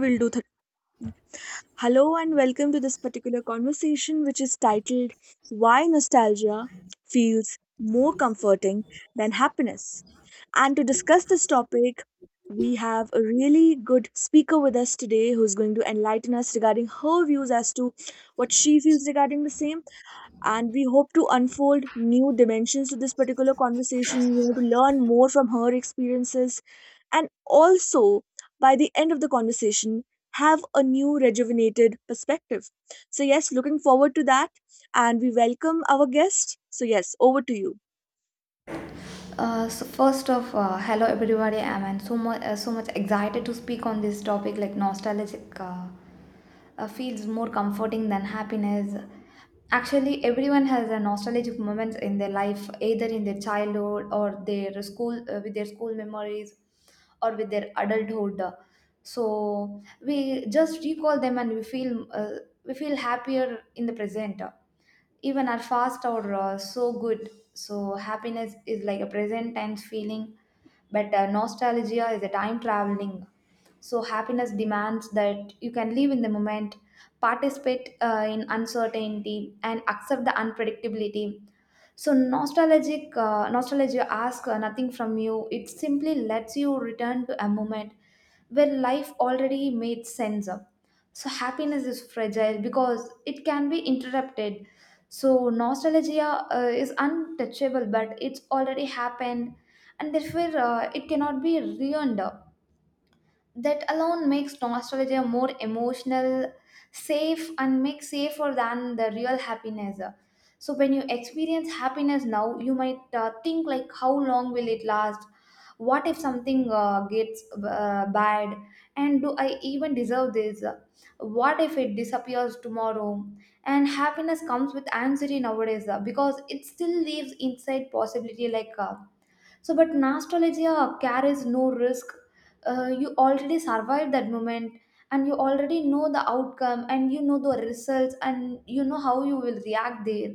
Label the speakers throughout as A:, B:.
A: will do. Th- Hello and welcome to this particular conversation, which is titled Why Nostalgia Feels More Comforting Than Happiness. And to discuss this topic, we have a really good speaker with us today who's going to enlighten us regarding her views as to what she feels regarding the same and we hope to unfold new dimensions to this particular conversation, you know, to learn more from her experiences. And also, by the end of the conversation, have a new rejuvenated perspective. So, yes, looking forward to that. And we welcome our guest. So, yes, over to you.
B: So first of hello everybody, I'm and so much excited to speak on this topic like nostalgic feels more comforting than happiness. Actually, everyone has a nostalgic moments in their life, either in their childhood or their school with their school memories, or with their adulthood. So we just recall them and we feel happier in the present, even are fast or so good. So happiness is like a present times feeling, but nostalgia is a time traveling. So happiness demands that you can live in the moment, participate in uncertainty, and accept the unpredictability. So nostalgic nostalgia asks nothing from you. It simply lets you return to a moment where life already made sense of. So happiness is fragile because it can be interrupted. So nostalgia is untouchable, but it's already happened, and therefore it cannot be ruined. That alone makes nostalgia more emotional safe and makes safer than the real happiness. So when you experience happiness now, you might think like, how long will it last? What if something gets bad? And do I even deserve this? What if it disappears tomorrow? And happiness comes with anxiety nowadays because it still lives inside possibility, but nostalgia carries no risk. You already survived that moment, and you already know the outcome, and you know the results, and you know how you will react there.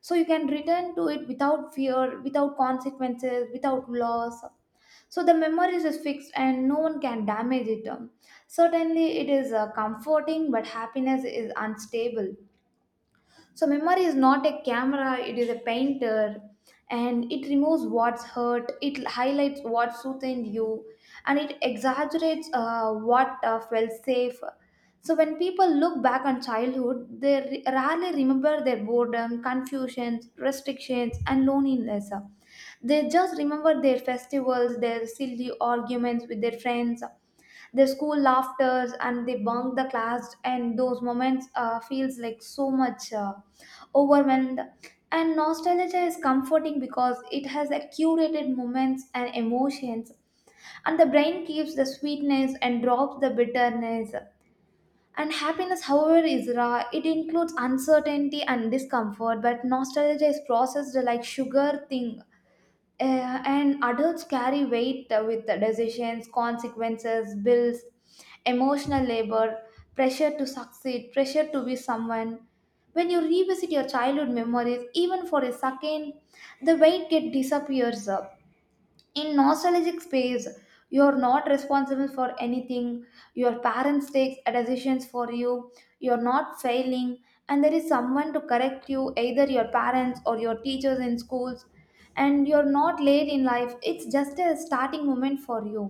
B: So, you can return to it without fear, without consequences, without loss. So, the memories is fixed and no one can damage it. Certainly, it is comforting, but happiness is unstable. So, memory is not a camera, it is a painter, and it removes what's hurt, it highlights what soothed you, and it exaggerates what felt safe. So, when people look back on childhood, they rarely remember their boredom, confusions, restrictions, and loneliness. They just remember their festivals, their silly arguments with their friends, the school laughters and they bunk the class, and those moments feels like so much overwhelmed. And nostalgia is comforting because it has a curated moments and emotions, and the brain keeps the sweetness and drops the bitterness. And happiness, however, is raw, it includes uncertainty and discomfort, but nostalgia is processed like sugar thing. uh, and adults carry weight with the decisions, consequences, bills, emotional labor, pressure to succeed, pressure to be someone. When you revisit your childhood memories, even for a second, the weight get disappears in nostalgic space. You're not responsible for anything, your parents take decisions for you, you're not failing, and there is someone to correct you, either your parents or your teachers in schools. And you're not late in life, it's just a starting moment for you.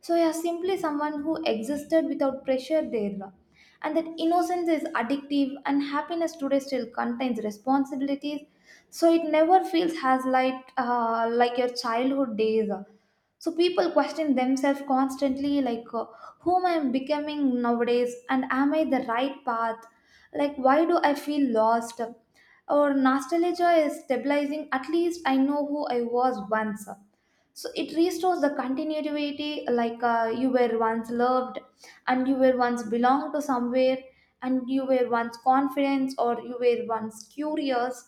B: So you're simply someone who existed without pressure there, and that innocence is addictive. And happiness today still contains responsibilities, so it never feels as like your childhood days. So people question themselves constantly, like whom I am becoming nowadays, and am I the right path, like why do I feel lost? Or nostalgia is stabilizing, at least I know who I was once. So it restores the continuity, like you were once loved, and you were once belonged to somewhere, and you were once confident, or you were once curious,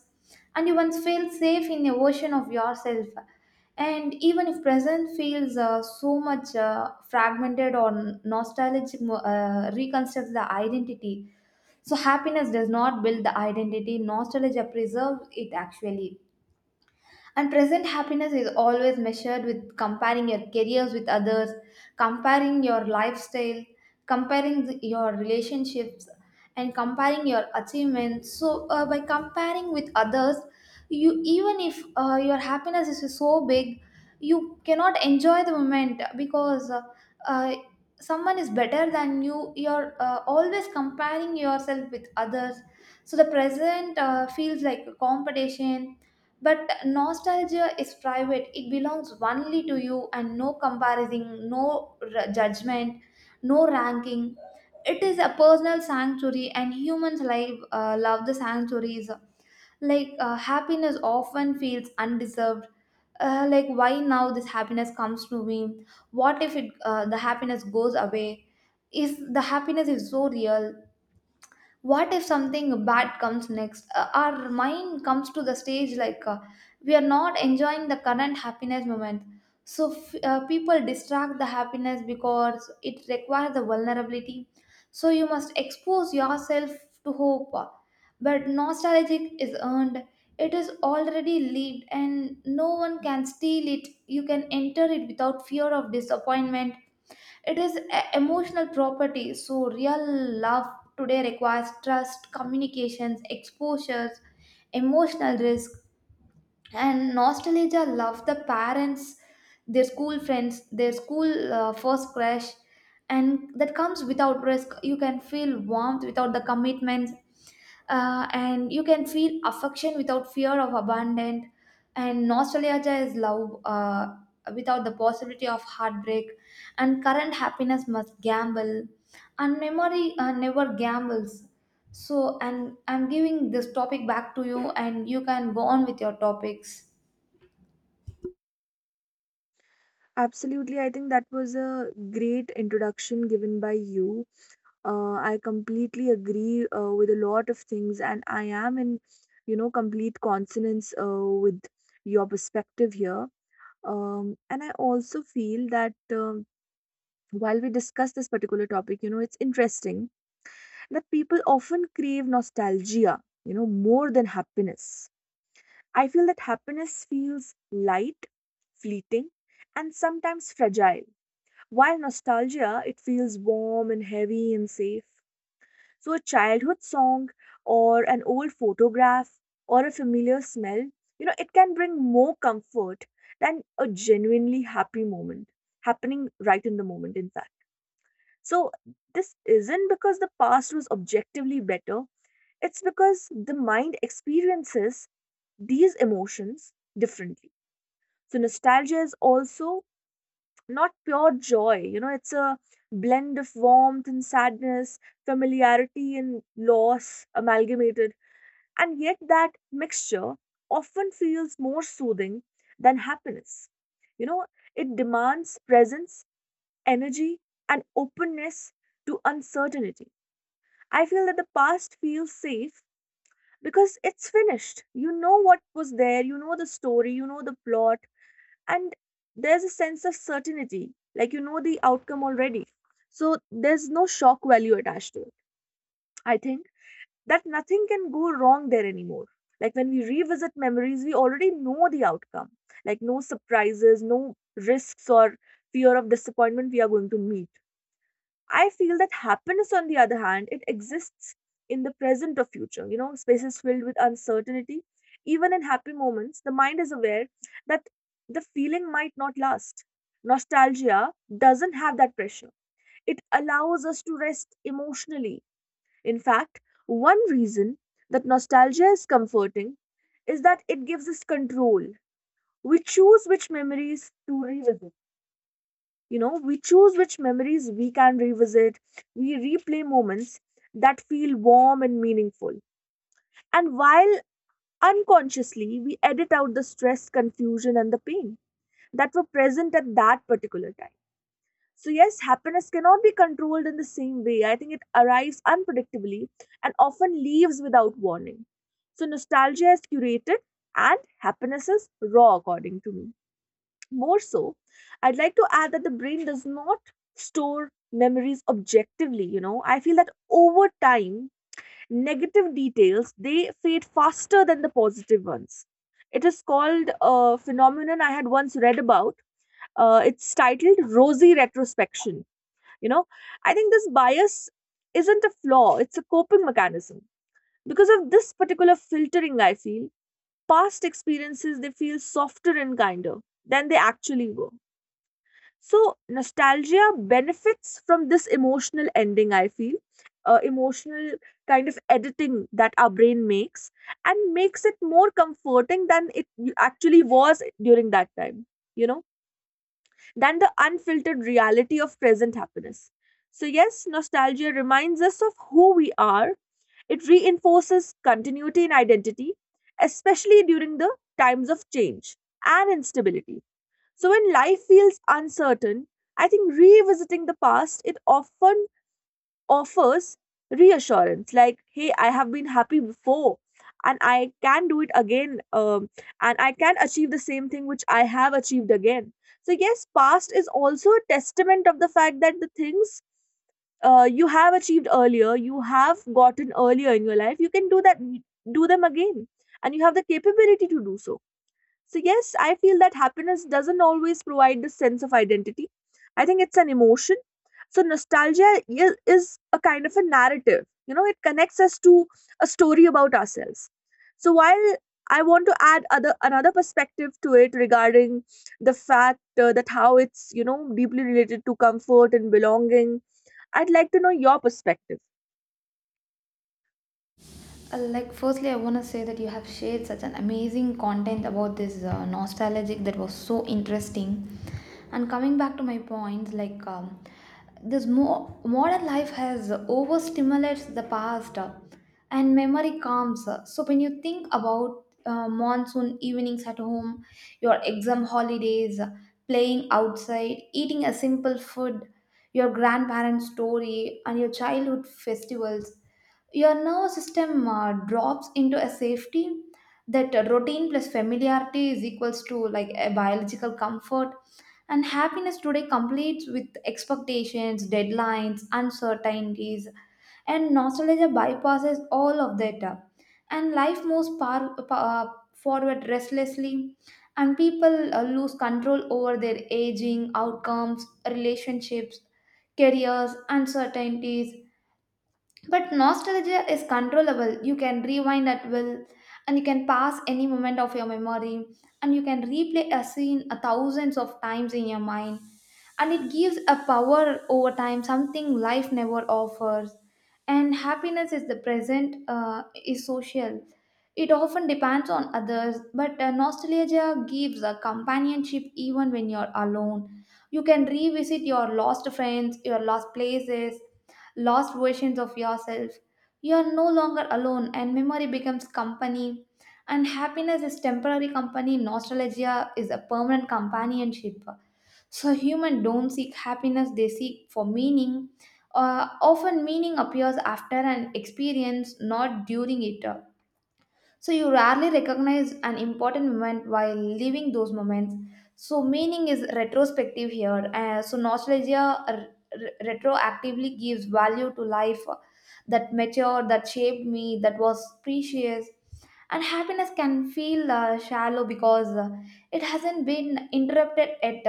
B: and you once felt safe in a version of yourself. And even if present feels so much fragmented, or nostalgic reconstructs the identity. So happiness does not build the identity, nostalgia preserves it actually. And present happiness is always measured with comparing your careers with others, comparing your lifestyle, comparing your relationships, and comparing your achievements. So, by comparing with others, you, even if your happiness is so big, you cannot enjoy the moment because uh, someone is better than you. You're always comparing yourself with others. So the present feels like a competition. But nostalgia is private, it belongs only to you, and no comparison, no judgment, no ranking. It is a personal sanctuary, and humans love the sanctuaries. Like happiness often feels undeserved, like why now this happiness comes to me, what if it the happiness goes away, is the happiness is so real, what if something bad comes next? Our mind comes to the stage, like we are not enjoying the current happiness moment. So people distract the happiness because it requires the vulnerability. So you must expose yourself to hope, but nostalgic is earned. It is already lived and no one can steal it, you can enter it without fear of disappointment. It is a emotional property, so real love today requires trust, communications, exposures, emotional risk. And nostalgia love the parents, their school friends, their school first crush, and that comes without risk. You can feel warmth without the commitments, and you can feel affection without fear of abandon. And nostalgia is love without the possibility of heartbreak. And current happiness must gamble, and memory never gambles. So and I'm giving this topic back to you and you can go on with your topics.
A: Absolutely. I think that was a great introduction given by you. I completely agree with a lot of things and I am in, you know, complete consonance with your perspective here. And I also feel that, while we discuss this particular topic, you know, it's interesting that people often crave nostalgia, you know, more than happiness. I feel that happiness feels light, fleeting, and sometimes fragile, while nostalgia, it feels warm and heavy and safe. So a childhood song or an old photograph or a familiar smell, you know, it can bring more comfort than a genuinely happy moment happening right in the moment, in fact. So this isn't because the past was objectively better, it's because the mind experiences these emotions differently. So nostalgia is also not pure joy, you know, it's a blend of warmth and sadness, familiarity and loss amalgamated, and yet that mixture often feels more soothing than happiness. You know, it demands presence, energy, and openness to uncertainty. I feel that the past feels safe because it's finished. You know what was there, you know the story, you know the plot, and there's a sense of certainty. Like, you know the outcome already. So there's no shock value attached to it. I think that nothing can go wrong there anymore. Like, when we revisit memories, we already know the outcome. Like, no surprises, no risks or fear of disappointment we are going to meet. I feel that happiness, on the other hand, it exists in the present or future. You know, spaces filled with uncertainty. Even in happy moments, the mind is aware that the feeling might not last. Nostalgia doesn't have that pressure. It allows us to rest emotionally. In fact, one reason that nostalgia is comforting is that it gives us control. We choose which memories to revisit. You know, we choose which memories we can revisit. We replay moments that feel warm and meaningful. And while unconsciously, we edit out the stress, confusion, and the pain that were present at that particular time. So, yes, happiness cannot be controlled in the same way. I think it arrives unpredictably and often leaves without warning. So nostalgia is curated and happiness is raw, according to me. More so, I'd like to add that the brain does not store memories objectively. You know, I feel that over time, negative details, they fade faster than the positive ones. It is called a phenomenon I had once read about. It's titled rosy retrospection, you know. I think this bias isn't a flaw, it's a coping mechanism. Because of this particular filtering, I feel past experiences, they feel softer and kinder than they actually were. So nostalgia benefits from this emotional ending, I feel, emotional kind of editing that our brain makes, and makes it more comforting than it actually was during that time, you know, than the unfiltered reality of present happiness. So, yes, nostalgia reminds us of who we are. It reinforces continuity in identity, especially during the times of change and instability. So when life feels uncertain, I think revisiting the past, it often offers reassurance like, hey, I have been happy before and I can do it again. And I can achieve the same thing which I have achieved again. So, yes, past is also a testament of the fact that the things you have achieved earlier, you have gotten earlier in your life, you can do that, do them again, and you have the capability to do so. So, yes, I feel that happiness doesn't always provide the sense of identity. I think it's an emotion. So nostalgia is a kind of a narrative. You know, it connects us to a story about ourselves. So, while I want to add other another perspective to it regarding the fact that how it's, you know, deeply related to comfort and belonging, I'd like to know your perspective.
B: Like, firstly, I want to say that you have shared such an amazing content about this nostalgic, that was so interesting. And coming back to my point, like, this modern life has overstimulates the past, and memory comes, so when you think about monsoon evenings at home, your exam holidays, playing outside, eating a simple food, your grandparents story and your childhood festivals, your nervous system drops into a safety, that routine plus familiarity is equals to like a biological comfort. And happiness today completes with expectations, deadlines, uncertainties. And nostalgia bypasses all of that, and life moves forward restlessly. And people lose control over their aging, outcomes, relationships, careers, uncertainties. But nostalgia is controllable. You can rewind at will, and you can pass any moment of your memory, and you can replay a scene a thousands of times in your mind, and it gives a power over time, something life never offers. And happiness is the present, is social, it often depends on others, but nostalgia gives a companionship even when you're alone. You can revisit your lost friends, your lost places, lost versions of yourself, you are no longer alone, and memory becomes company. And happiness is temporary company, nostalgia is a permanent companionship. So humans don't seek happiness, they seek for meaning. Often meaning appears after an experience, not during it. So you rarely recognize an important moment while living those moments. So meaning is retrospective here. So nostalgia retroactively gives value to life that matured, that shaped me, that was precious. And happiness can feel shallow because it hasn't been interrupted yet.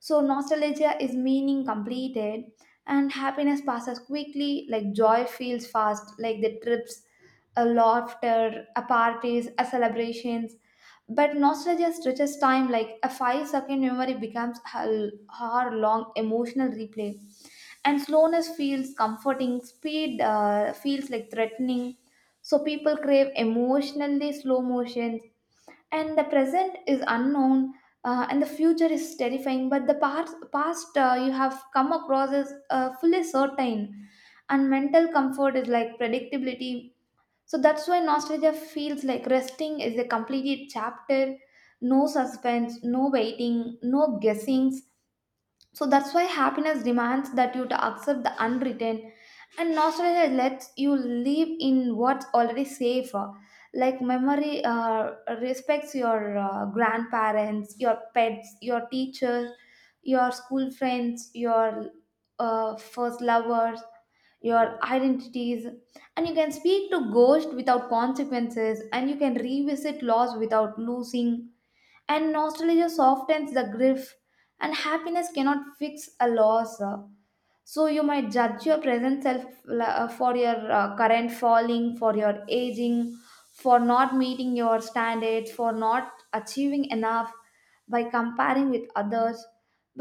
B: So nostalgia is meaning completed. And happiness passes quickly, like joy feels fast, like the trips, a laughter, a parties, a celebrations. But nostalgia stretches time, like a 5-second memory becomes a hour long emotional replay. And slowness feels comforting, speed feels like threatening. So people crave emotionally slow motions. And the present is unknown, and the future is terrifying, but the past you have come across is fully certain. And mental comfort is like predictability. So that's why nostalgia feels like resting is a completed chapter, no suspense, no waiting, no guessings. So that's why happiness demands that you to accept the unwritten, and nostalgia lets you live in what's already safe. Like memory respects your grandparents, your pets, your teachers, your school friends, your first lovers, your identities, and you can speak to ghosts without consequences, and you can revisit loss without losing. And nostalgia softens the grief, and happiness cannot fix a loss. So you might judge your present self for your current falling, for your aging, for not meeting your standards, for not achieving enough, by comparing with others.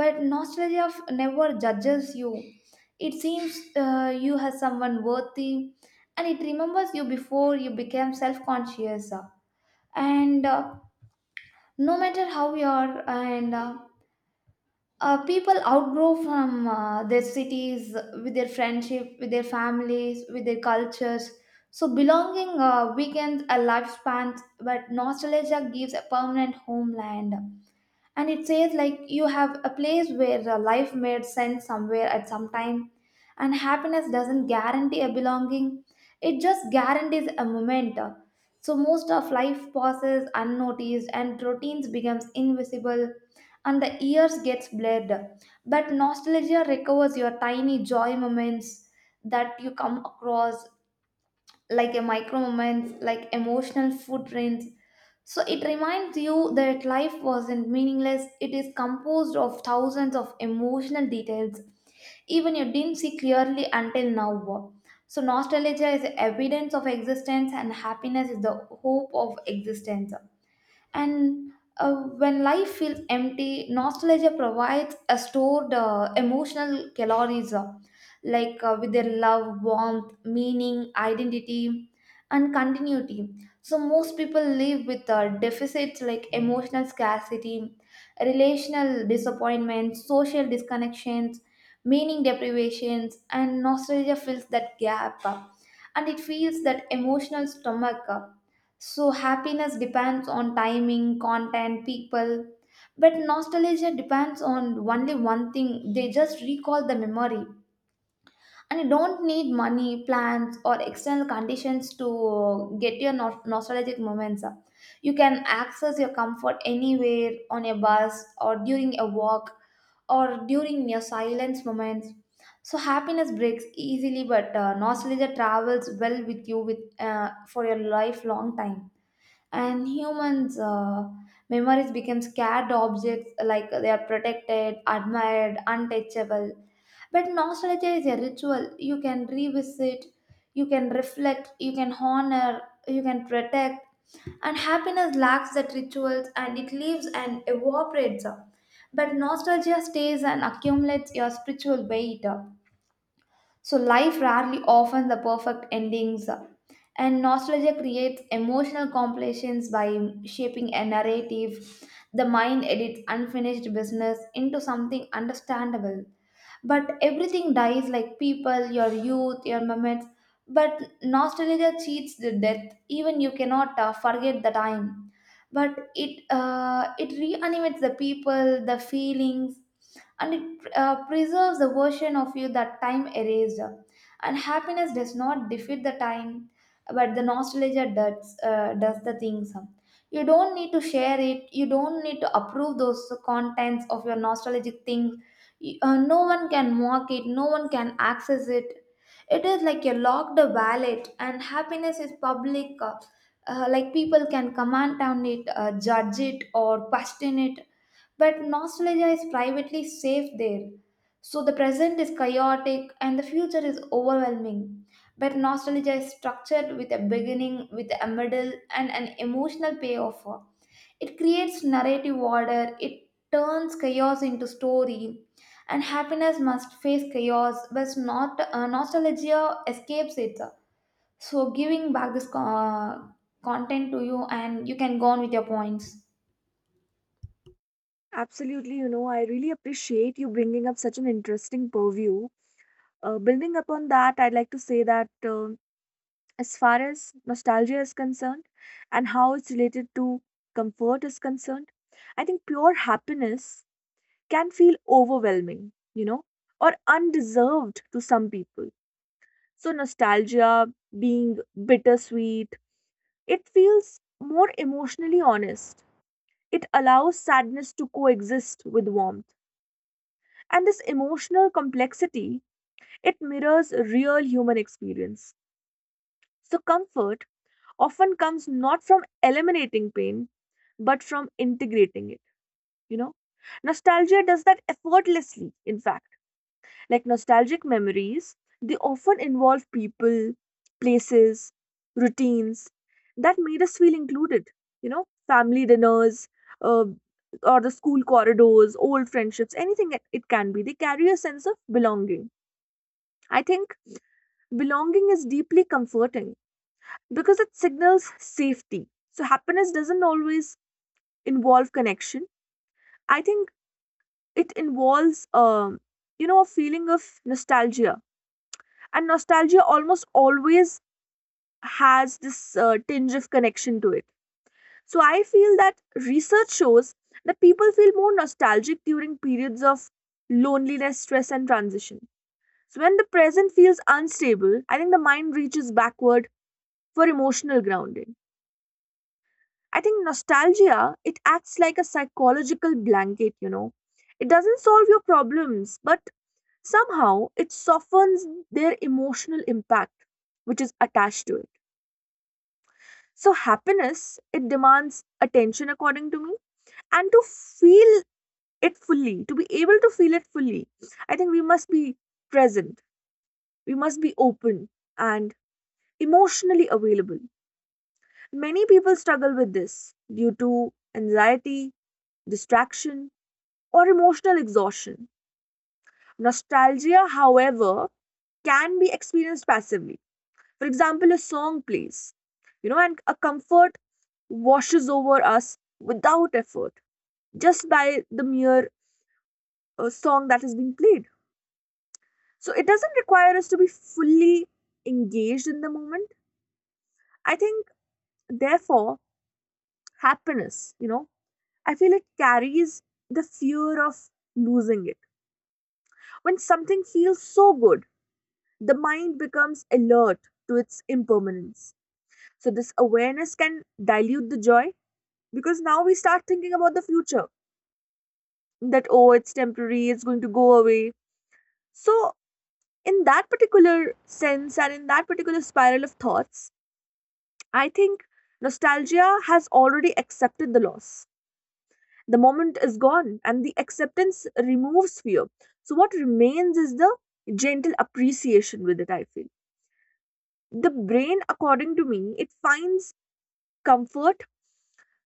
B: But nostalgia never judges you, it seems you has someone worthy, and it remembers you before you became self-conscious. And no matter how you are, and people outgrow from their cities, with their friendship, with their families, with their cultures. So belonging weakens a lifespan, but nostalgia gives a permanent homeland. And it says like, you have a place where life made sense somewhere at some time. And happiness doesn't guarantee a belonging, it just guarantees a moment. So most of life passes unnoticed, and routines becomes invisible, and the years gets blurred. But nostalgia recovers your tiny joy moments that you come across, like a micro moments, like emotional footprints. So it reminds you that life wasn't meaningless. It is composed of thousands of emotional details, even you didn't see clearly until now. So nostalgia is evidence of existence, and happiness is the hope of existence and uh, when life feels empty nostalgia provides a stored emotional calories like with their love warmth meaning identity and continuity. So most people live with deficits like emotional scarcity, relational disappointments, social disconnections, meaning deprivations, and nostalgia fills that gap, and it feels that emotional stomach. So happiness depends on timing, content, people. But nostalgia depends on only one thing. They just recall the memory. And you don't need money, plans, or external conditions to get your nostalgic moments up. You can access your comfort anywhere, on a bus or during a walk or during your silence moments. So happiness breaks easily, but nostalgia travels well with you, with for your lifelong time. And humans, memories become scarred objects, like they are protected, admired, untouchable, but nostalgia is a ritual. You can revisit, you can reflect, you can honor, you can protect. And happiness lacks that rituals, and it leaves and evaporates, but nostalgia stays and accumulates your spiritual weight. So life rarely offers the perfect endings, and nostalgia creates emotional completions by shaping a narrative. The mind edits unfinished business into something understandable. But everything dies, like people, your youth, your moments. But nostalgia cheats the death. Even you cannot forget the time. But it reanimates the people, the feelings, and it preserves the version of you that time erased. And happiness does not defeat the time, but the nostalgia does the things. You don't need to share it, you don't need to approve those contents of your nostalgic things. No one can mock it, no one can access it. It is like a locked wallet, and happiness is public. Like people can comment on it, judge it, or question it, but nostalgia is privately safe there. So the present is chaotic and the future is overwhelming. But nostalgia is structured, with a beginning, with a middle, and an emotional payoff. It creates narrative order, it turns chaos into story, and happiness must face chaos, but not nostalgia escapes it. So, giving back this content to you, and you can go on with your points.
A: Absolutely, you know, I really appreciate you bringing up such an interesting purview. Building upon that, I'd like to say that, as far as nostalgia is concerned and how it's related to comfort is concerned, I think pure happiness can feel overwhelming, you know, or undeserved to some people. So nostalgia being bittersweet, it feels more emotionally honest. It allows sadness to coexist with warmth. And this emotional complexity, it mirrors real human experience. So comfort often comes not from eliminating pain, but from integrating it, you know. Nostalgia does that effortlessly, in fact. Like nostalgic memories, they often involve people, places, routines that made us feel included. You know, family dinners, uh, or the school corridors, old friendships, anything it can be. They carry a sense of belonging. I think belonging is deeply comforting because it signals safety. So happiness doesn't always involve connection. I think it involves, you know, a feeling of nostalgia. And nostalgia almost always has this tinge of connection to it. So I feel that research shows that people feel more nostalgic during periods of loneliness, stress, and transition. So when the present feels unstable, I think the mind reaches backward for emotional grounding. I think nostalgia, it acts like a psychological blanket, you know. It doesn't solve your problems, but somehow it softens their emotional impact which is attached to it. So happiness, it demands attention, according to me, and to feel it fully, to be able to feel it fully, I think we must be present. We must be open and emotionally available. Many people struggle with this due to anxiety, distraction, or emotional exhaustion. Nostalgia, however, can be experienced passively. For example, a song plays, you know, and a comfort washes over us without effort just by the mere song that is being played. So it doesn't require us to be fully engaged in the moment. I think, therefore, happiness, you know, I feel it carries the fear of losing it. When something feels so good, the mind becomes alert to its impermanence. So this awareness can dilute the joy because now we start thinking about the future that, oh, it's temporary, it's going to go away. So in that particular sense and in that particular spiral of thoughts, I think nostalgia has already accepted the loss. The moment is gone and the acceptance removes fear. So what remains is the gentle appreciation with it, I feel. The brain, according to me, it finds comfort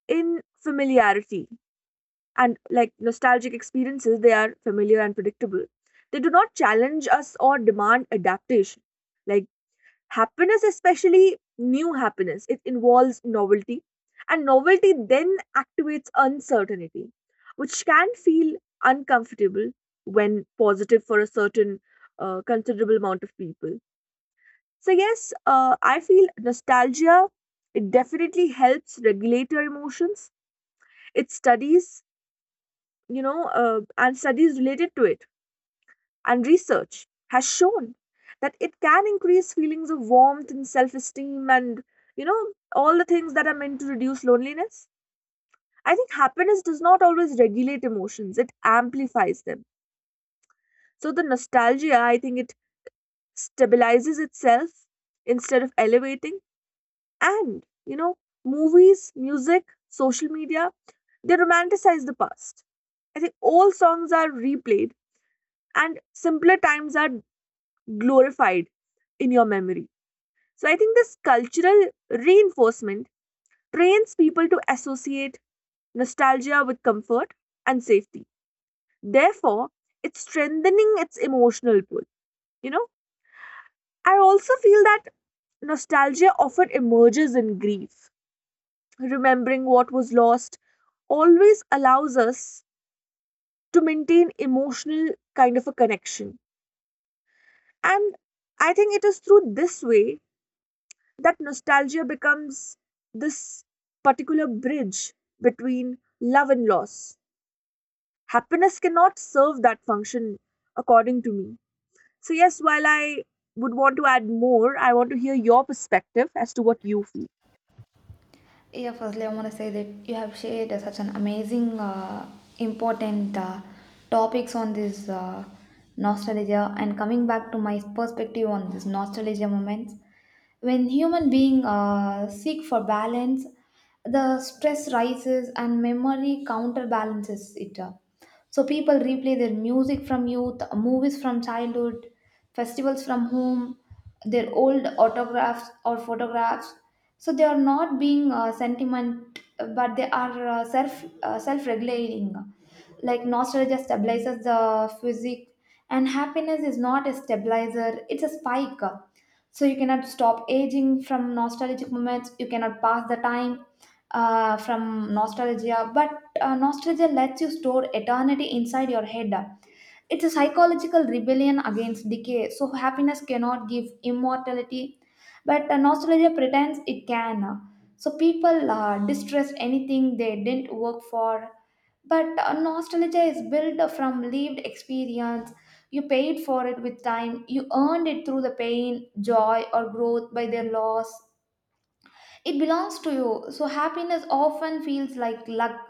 A: in familiarity, and like nostalgic experiences, they are familiar and predictable. They do not challenge us or demand adaptation. Like, happiness, especially new happiness, it involves novelty, and novelty then activates uncertainty, which can feel uncomfortable when positive for a certain considerable amount of people. So, yes, I feel nostalgia, it definitely helps regulate your emotions. It studies, you know, and studies related to it, and research has shown that it can increase feelings of warmth and self esteem and, you know, all the things that are meant to reduce loneliness. I think happiness does not always regulate emotions, it amplifies them. So the nostalgia, I think it stabilizes itself instead of elevating. And, you know, movies, music, social media, they romanticize the past. I think old songs are replayed and simpler times are glorified in your memory. So I think this cultural reinforcement trains people to associate nostalgia with comfort and safety. Therefore, it's strengthening its emotional pull. You know, I also feel that nostalgia often emerges in grief. Remembering what was lost always allows us to maintain emotional kind of a connection. And I think it is through this way that nostalgia becomes this particular bridge between love and loss. Happiness cannot serve that function, according to me. So, yes, while I would want to add more, I want to hear your perspective as to what you feel.
B: Yeah, firstly, I want to say that you have shared such an amazing, important topics on this nostalgia. And coming back to my perspective on this nostalgia moments, when human being seek for balance, the stress rises and memory counterbalances it. So people replay their music from youth, movies from childhood, festivals from home, their old autographs or photographs. So they are not being sentiment, but they are self regulating. Like nostalgia stabilizes the physique, and happiness is not a stabilizer; it's a spike. So you cannot stop aging from nostalgic moments. You cannot pass the time from nostalgia, but nostalgia lets you store eternity inside your head. It's a psychological rebellion against decay, so happiness cannot give immortality, but nostalgia pretends it can. So people distress anything they didn't work for, but nostalgia is built from lived experience. You paid for it with time, you earned it through the pain, joy, or growth. By their loss it belongs to you. So happiness often feels like luck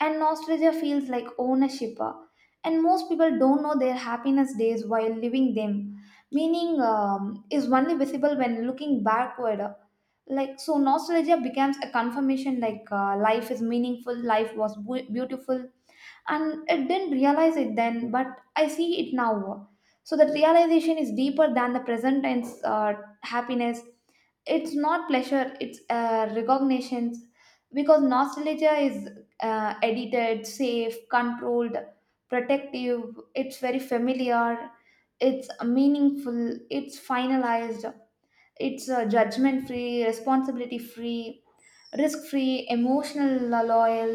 B: and nostalgia feels like ownership. And most people don't know their happiness days while living them. Meaning is only visible when looking backward. Like so nostalgia becomes a confirmation, like life is meaningful, life was beautiful, and I didn't realize it then, but I see it now. So that realization is deeper than the present tense happiness. It's not pleasure; it's recognitions, because nostalgia is edited, safe, controlled, protective. It's very familiar. It's meaningful. It's finalized, it's judgment free, responsibility free, risk free, emotional, loyal.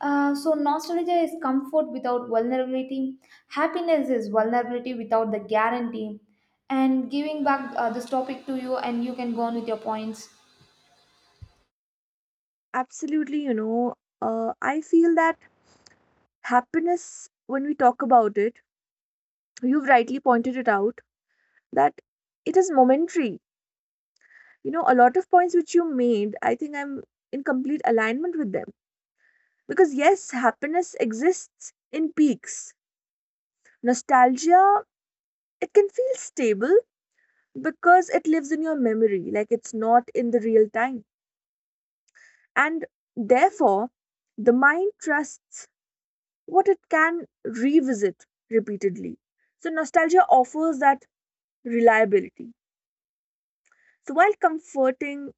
B: So nostalgia is comfort without vulnerability, happiness is vulnerability without the guarantee. And giving back this topic to you, and you can go on with your points.
A: Absolutely, you know, I feel that happiness, when we talk about it, you've rightly pointed it out that it is momentary. You know, a lot of points which you made, I think I'm in complete alignment with them. Because, yes, happiness exists in peaks. Nostalgia, it can feel stable because it lives in your memory, like, it's not in the real time. And therefore, the mind trusts what it can revisit repeatedly. So nostalgia offers that reliability. So, while comforting,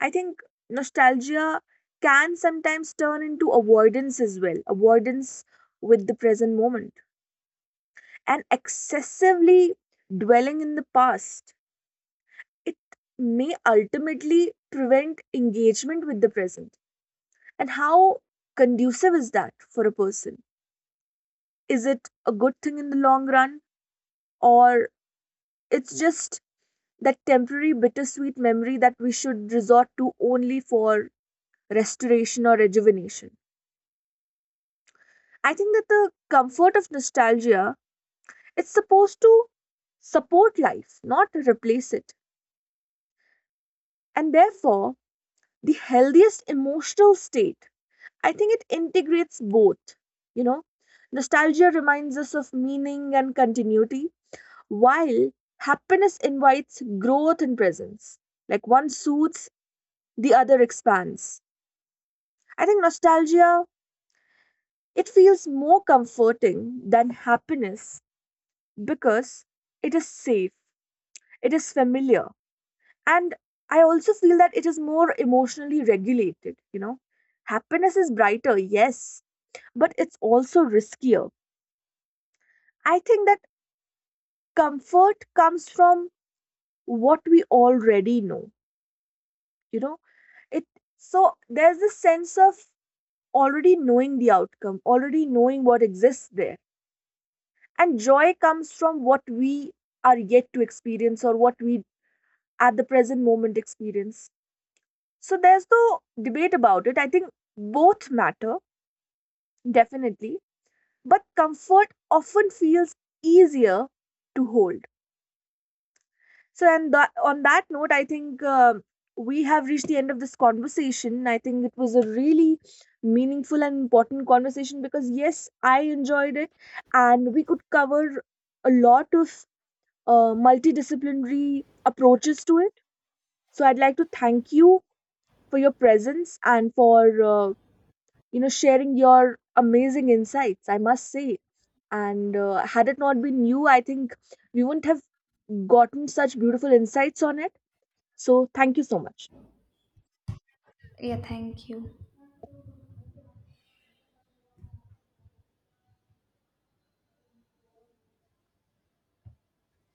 A: I think nostalgia can sometimes turn into avoidance as well, avoidance with the present moment, and excessively dwelling in the past, it may ultimately prevent engagement with the present. And how conducive is that for a person? Is it a good thing in the long run, or it's just that temporary bittersweet memory that we should resort to only for restoration or rejuvenation? I think that the comfort of nostalgia, it's supposed to support life, not replace it. And therefore, the healthiest emotional state, I think it integrates both, you know. Nostalgia reminds us of meaning and continuity, while happiness invites growth and presence. Like, one soothes, the other expands. I think nostalgia, it feels more comforting than happiness because it is safe, it is familiar, and I also feel that it is more emotionally regulated, you know. Happiness is brighter, yes, but it's also riskier. I think that comfort comes from what we already know. You know, it so there's this sense of already knowing the outcome, already knowing what exists there. And joy comes from what we are yet to experience or what we at the present moment experience. So there's no debate about it. I think both matter, definitely. But comfort often feels easier to hold. So, and that, on that note, I think we have reached the end of this conversation. I think it was a really meaningful and important conversation because, yes, I enjoyed it, and we could cover a lot of multidisciplinary approaches to it. So I'd like to thank you for your presence and for, uh, you know, sharing your amazing insights. I must say, and had it not been you, I think we wouldn't have gotten such beautiful insights on it. So, thank you so much.
B: Yeah, thank you.